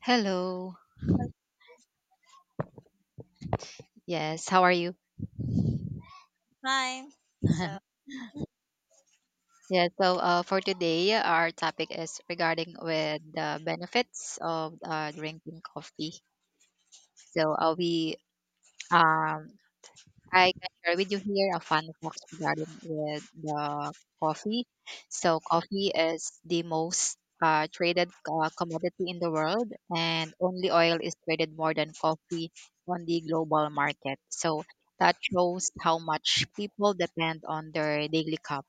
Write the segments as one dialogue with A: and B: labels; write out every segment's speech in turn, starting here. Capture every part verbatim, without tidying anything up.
A: Hello. Yes, how are you?
B: Fine. So,
A: Yeah, so uh, for today, our topic is regarding with the benefits of uh, drinking coffee. So uh, we, um, I can share with you here a fun fact regarding with the coffee. So coffee is the most uh, traded uh, commodity in the world, and only oil is traded more than coffee on the global market. So that shows how much people depend on their daily cup.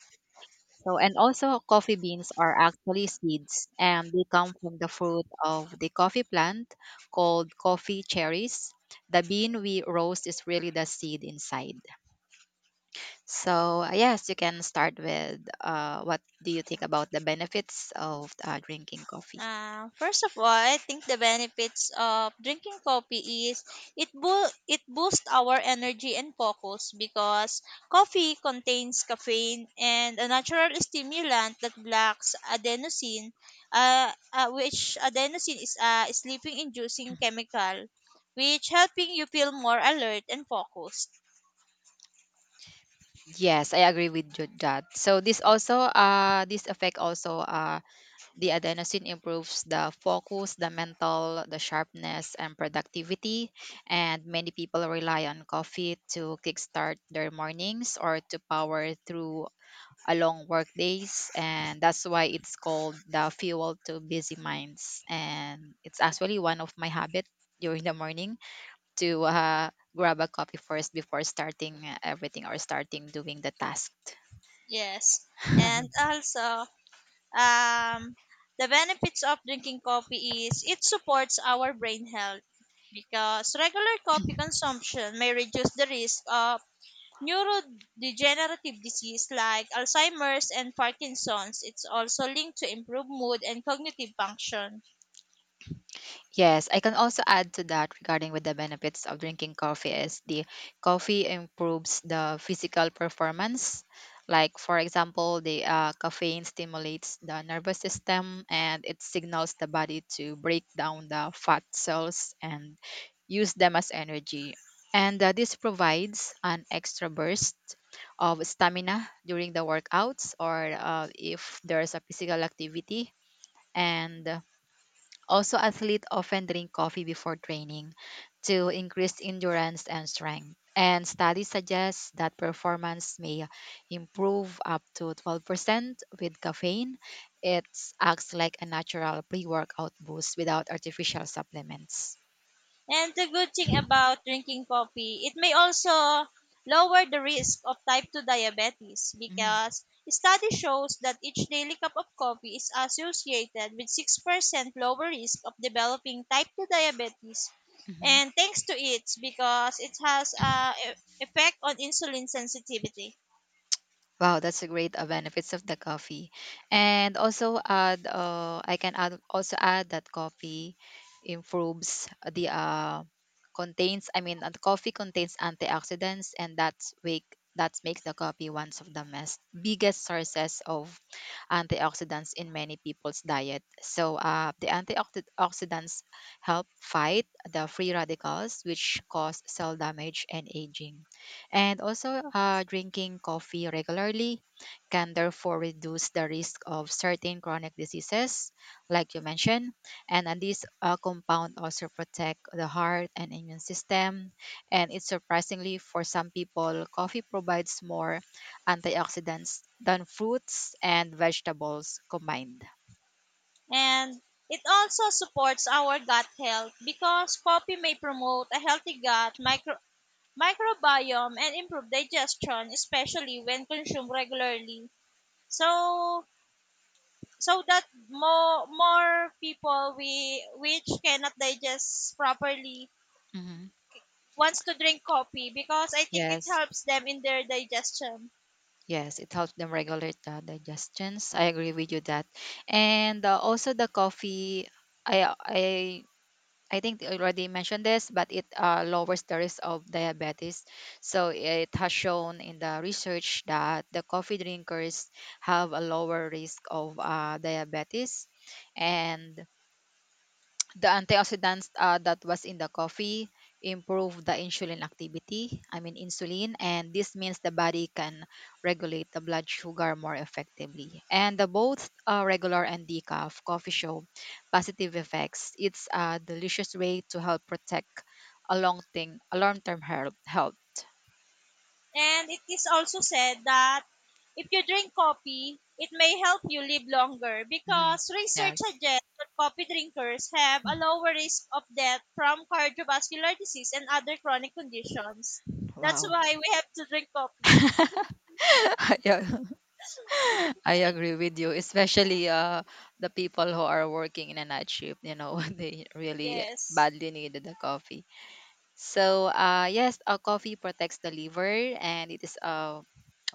A: So, and also coffee beans are actually seeds, and they come from the fruit of the coffee plant called coffee cherries. The bean we roast is really the seed inside. So, uh, yes, you can start with uh, what do you think about the benefits of uh, drinking coffee?
B: uh, first of all, I think the benefits of drinking coffee is it bo- it boosts our energy and focus because coffee contains caffeine and a natural stimulant that blocks adenosine, uh, uh, which adenosine is a sleeping-inducing chemical, which helping you feel more alert and focused.
A: Yes, I agree with you that. So, this also, uh, this effect also uh, The adenosine improves the focus, the mental, the sharpness, and productivity. And many people rely on coffee to kickstart their mornings or to power through a long work days. And that's why it's called the fuel to busy minds. And it's actually one of my habit during the morning to uh, grab a coffee first before starting uh, everything or starting doing the task.
B: Yes, and also Um, the benefits of drinking coffee is it supports our brain health because regular coffee consumption may reduce the risk of neurodegenerative disease like Alzheimer's and Parkinson's. It's also linked to improved mood and cognitive function.
A: Yes, I can also add to that regarding with the benefits of drinking coffee is the coffee improves the physical performance. Like for example, the uh, caffeine stimulates the nervous system, and it signals the body to break down the fat cells and use them as energy. And uh, this provides an extra burst of stamina during the workouts or uh, if there's a physical activity, and also, athletes often drink coffee before training to increase endurance and strength. And studies suggest that performance may improve up to twelve percent with caffeine. It acts like a natural pre workout boost without artificial supplements.
B: And the good thing about drinking coffee, it may also lower the risk of type two diabetes
A: Mm-hmm.
B: because study shows that each daily cup of coffee is associated with six percent lower risk of developing type two diabetes.
A: Mm-hmm.
B: And thanks to it, because it has a e- effect on insulin sensitivity.
A: Wow, that's a great uh, benefits of the coffee. And also add uh, I can add also add that coffee improves the uh, contains, I mean, uh, the coffee contains antioxidants, and that's wake that makes the coffee one of the most biggest sources of antioxidants in many people's diet. So uh, the antioxidants help fight the free radicals which cause cell damage and aging. And also, uh, drinking coffee regularly can therefore reduce the risk of certain chronic diseases, like you mentioned. And uh, this uh, compound also protect the heart and immune system. And it's surprisingly for some people, coffee provides more antioxidants than fruits and vegetables combined.
B: And it also supports our gut health because coffee may promote a healthy gut micro microbiome and improve digestion, especially when consumed regularly. So, so that more more people we which cannot digest properly
A: Mhm.
B: wants to drink coffee because I think it
A: Yes.
B: helps them in their digestion.
A: Yes, it helps them regulate the digestions. I agree with you that. And uh, also the coffee, I I I think I already mentioned this, but it uh, lowers the risk of diabetes. So it has shown in the research that the coffee drinkers have a lower risk of uh, diabetes, and the antioxidants uh, that was in the coffee improve the insulin activity, I mean insulin, and this means the body can regulate the blood sugar more effectively. And the both uh, regular and decaf coffee show positive effects. It's a delicious way to help protect a long thing, a long term health. health.
B: And it is also said that if you drink coffee, it may help you live longer
A: Mhm.
B: because research
A: Yes.
B: suggests that coffee drinkers have a lower risk of death from cardiovascular disease and other chronic conditions. That's
A: Wow.
B: why we have to drink coffee.
A: Yeah. I agree with you, especially uh, the people who are working in a night shift, you know, they really
B: Yes.
A: badly needed the coffee. So, uh, yes, uh, coffee protects the liver, and it is a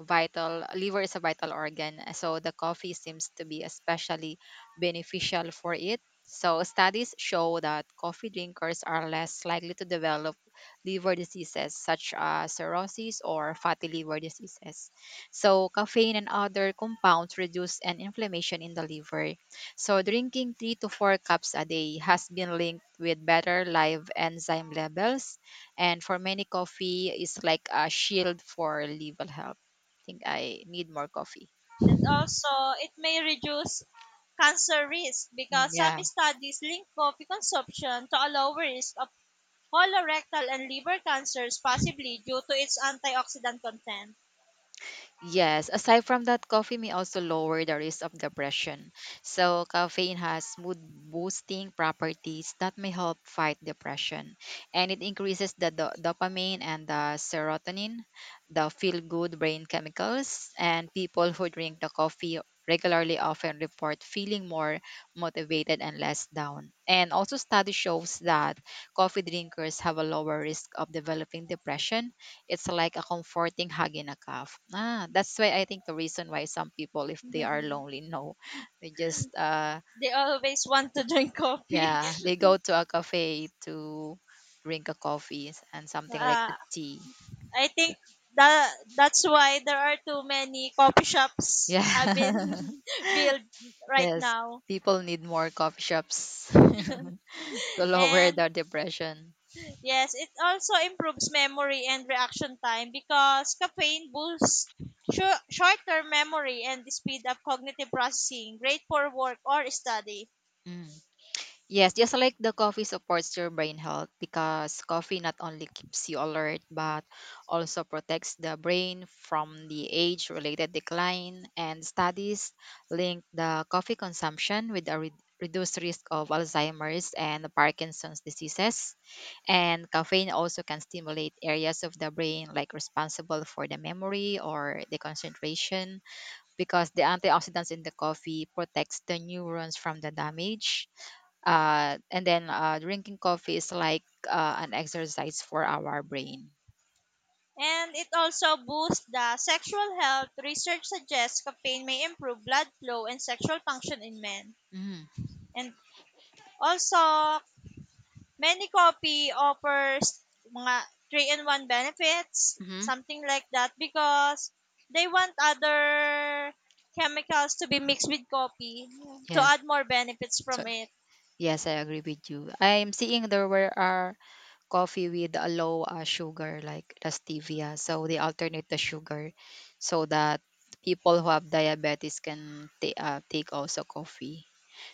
A: vital, liver is a vital organ. So, the coffee seems to be especially beneficial for it. So, studies show that coffee drinkers are less likely to develop liver diseases such as cirrhosis or fatty liver diseases. So, caffeine and other compounds reduce an inflammation in the liver. So, drinking three to four cups a day has been linked with better live enzyme levels. And for many, coffee is like a shield for liver health. I think I need more coffee.
B: And also, it may reduce cancer risk
A: Mm,
B: because
A: yeah.
B: some studies link coffee consumption to a lower risk of colorectal and liver cancers, possibly due to its antioxidant content.
A: Yes, aside from that, coffee may also lower the risk of depression. So, caffeine has mood boosting properties that may help fight depression. And it increases the do- dopamine and the serotonin, the feel good brain chemicals. And people who drink the coffee regularly often report feeling more motivated and less down. And also, study shows that coffee drinkers have a lower risk of developing depression. It's like a comforting hug in a cup. Ah, that's why I think the reason why some people, if they are lonely, no, they just uh,
B: They always want to drink coffee.
A: yeah, they go to a cafe to drink a coffee and something like a
B: Uh,
A: tea.
B: I think that that's why there are too many coffee shops have been
A: Yeah,
B: built right
A: yes,
B: now.
A: people need more coffee shops to lower
B: And
A: their depression.
B: yes, it also improves memory and reaction time because caffeine boosts shor- short-term memory and speed up cognitive processing, great for work or study.
A: Mm. Yes, just like the coffee supports your brain health because coffee not only keeps you alert but also protects the brain from the age related decline. And studies link the coffee consumption with a re- reduced risk of Alzheimer's and Parkinson's diseases. And caffeine also can stimulate areas of the brain like responsible for the memory or the concentration, because the antioxidants in the coffee protects the neurons from the damage, uh, and then uh, drinking coffee is like uh, an exercise for our brain.
B: And it also boosts the sexual health. Research suggests caffeine may improve blood flow and sexual function in men.
A: Mm.
B: And also, many coffee offers mga three in one benefits,
A: Mm-hmm. Hmm.
B: something like that, because they want other chemicals to be mixed with coffee to
A: Yes.
B: add more benefits
A: So
B: from it.
A: yes, I agree with you. I'm seeing there were are coffee with a low uh, sugar like the stevia, so they alternate the sugar, so that people who have diabetes can ta- uh, take also coffee.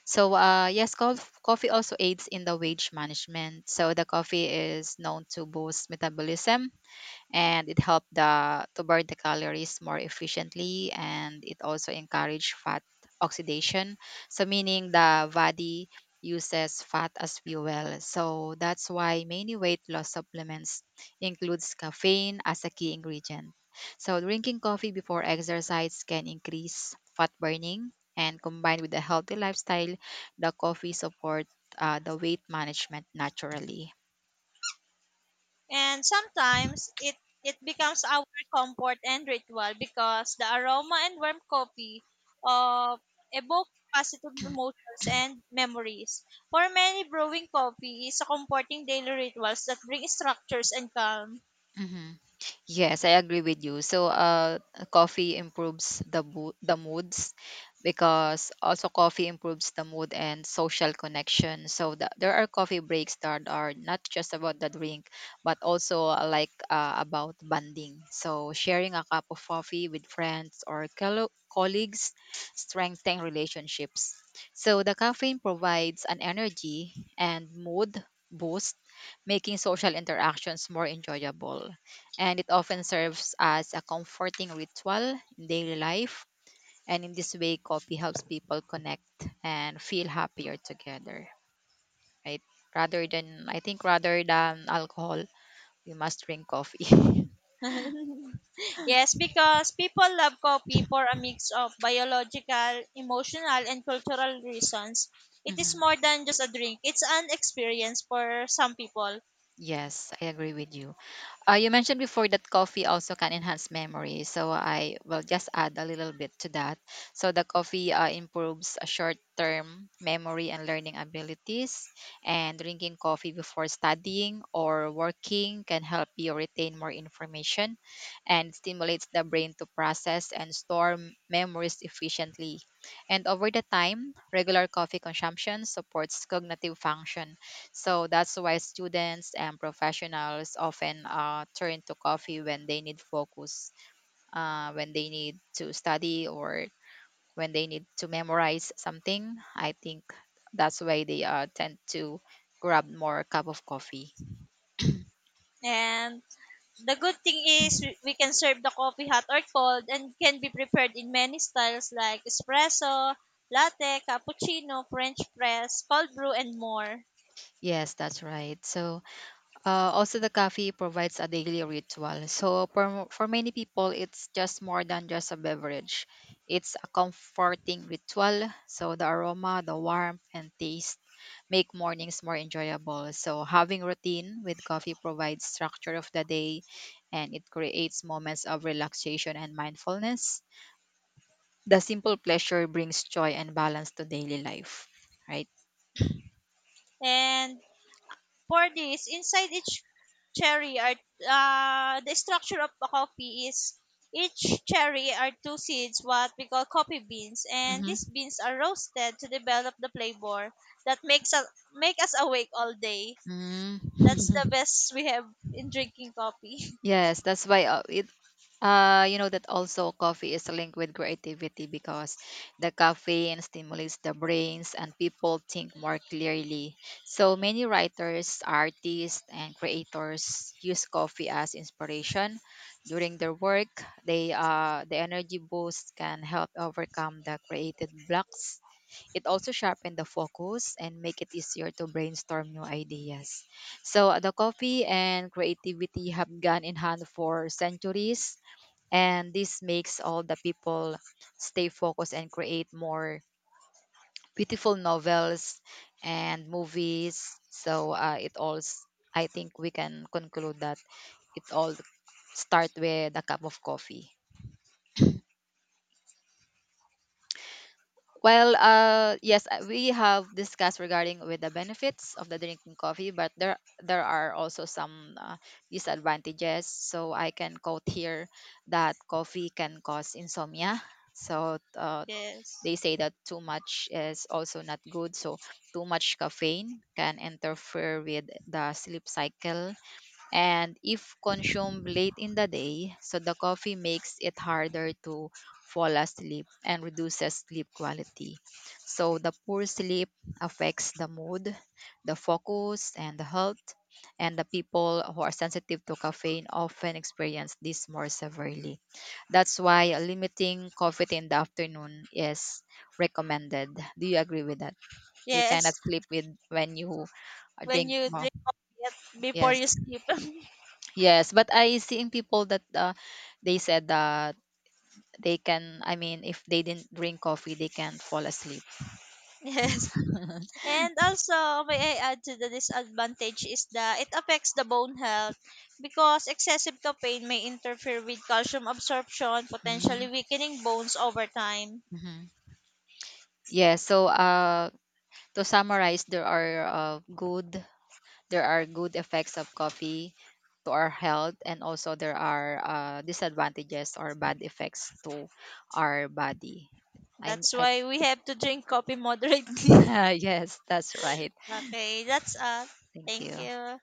A: So uh, yes, cof- coffee also aids in the wage management. So the coffee is known to boost metabolism, and it helped the to burn the calories more efficiently, and it also encouraged fat oxidation, so meaning the body uses fat as fuel. So that's why many weight loss supplements includes caffeine as a key ingredient, so drinking coffee before exercise can increase fat burning, and combined with a healthy lifestyle, the coffee support uh, the weight management naturally.
B: And sometimes it it becomes our comfort and ritual because the aroma and warm coffee of evoke positive emotions and memories. For many, brewing coffee is a comforting daily rituals that bring structures and calm.
A: Mhm. Yes, I agree with you. So, uh, coffee improves the bo- the moods, because also coffee improves the mood and social connection. So the, there are coffee breaks that are not just about the drink, but also uh, like uh, about bonding. So sharing a cup of coffee with friends or colo- colleagues strengthen relationships. So the caffeine provides an energy and mood boost, making social interactions more enjoyable, and it often serves as a comforting ritual in daily life. And in this way, coffee helps people connect and feel happier together, right? Rather than, I think, rather than alcohol, we must drink coffee.
B: Yes, because people love coffee for a mix of biological, emotional, and cultural reasons. It is
A: Mhm.
B: more than just a drink, it's an experience for some people.
A: Yes, I agree with you. Uh, you mentioned before that coffee also can enhance memory, so I will just add a little bit to that. So the coffee uh, improves a short-term memory and learning abilities, and drinking coffee before studying or working can help you retain more information, and stimulates the brain to process and store m- memories efficiently. And over the time, regular coffee consumption supports cognitive function, so that's why students and professionals often uh, turn to coffee when they need focus, uh, when they need to study, or when they need to memorize something. I think that's why they uh, tend to grab more cup of coffee.
B: And the good thing is we we can serve the coffee hot or cold and can be prepared in many styles like espresso, latte, cappuccino, french press, cold brew, and more.
A: Yes, that's right. So, Uh, also, the coffee provides a daily ritual. So, for, for many people, it's just more than just a beverage. It's a comforting ritual. So, the aroma, the warmth, and taste make mornings more enjoyable. So, having routine with coffee provides structure of the day, and it creates moments of relaxation and mindfulness. The simple pleasure brings joy and balance to daily life, right?
B: And for this, inside each cherry are uh, the structure of a coffee is each cherry are two seeds, what we call coffee beans, and these
A: Mm-hmm.
B: beans are roasted to develop the flavor that makes us make us awake all day.
A: Mm.
B: That's the best we have in drinking coffee.
A: Yes, that's why uh, it Uh, you know that also coffee is linked with creativity because the caffeine stimulates the brains and people think more clearly. So many writers, artists, and creators use coffee as inspiration during their work. They uh, the energy boost can help overcome the created blocks. It also sharpen the focus and make it easier to brainstorm new ideas. So the coffee and creativity have gone in hand for centuries, and this makes all the people stay focused and create more beautiful novels and movies. So uh, it all s- I think we can conclude that it all start with a cup of coffee. Well, uh yes, uh, we have discussed regarding with the benefits of the drinking coffee, but there there are also some uh, disadvantages, so I can quote here that coffee can cause insomnia. So, uh,
B: Yes,
A: they say that too much is also not good. So, too much caffeine can interfere with the sleep cycle, and if consumed late in the day, so the coffee makes it harder to fall asleep and reduces sleep quality. So the poor sleep affects the mood, the focus, and the health. And the people who are sensitive to caffeine often experience this more severely. That's why limiting coffee in the afternoon is recommended. Do you agree with that? You cannot
B: yes.
A: sleep with when you
B: When
A: drink
B: you
A: more.
B: drink coffee at- before
A: Yes.
B: you sleep.
A: Yes, but I seeing people that uh, they said that they can. I mean, if they didn't drink coffee, they can't fall asleep.
B: Yes, and also, may I add to the disadvantage is that it affects the bone health because excessive caffeine may interfere with calcium absorption, potentially
A: Mm-hmm.
B: weakening bones over time.
A: Mm-hmm. Yeah. So, uh, to summarize, there are uh, good there are good effects of coffee to our health, and also there are uh, disadvantages or bad effects to our body. I'm.
B: That's
A: I,
B: why we have to drink coffee moderately.
A: yes, that's right.
B: Okay, that's all.
A: Thank
B: Thank
A: you.
B: you.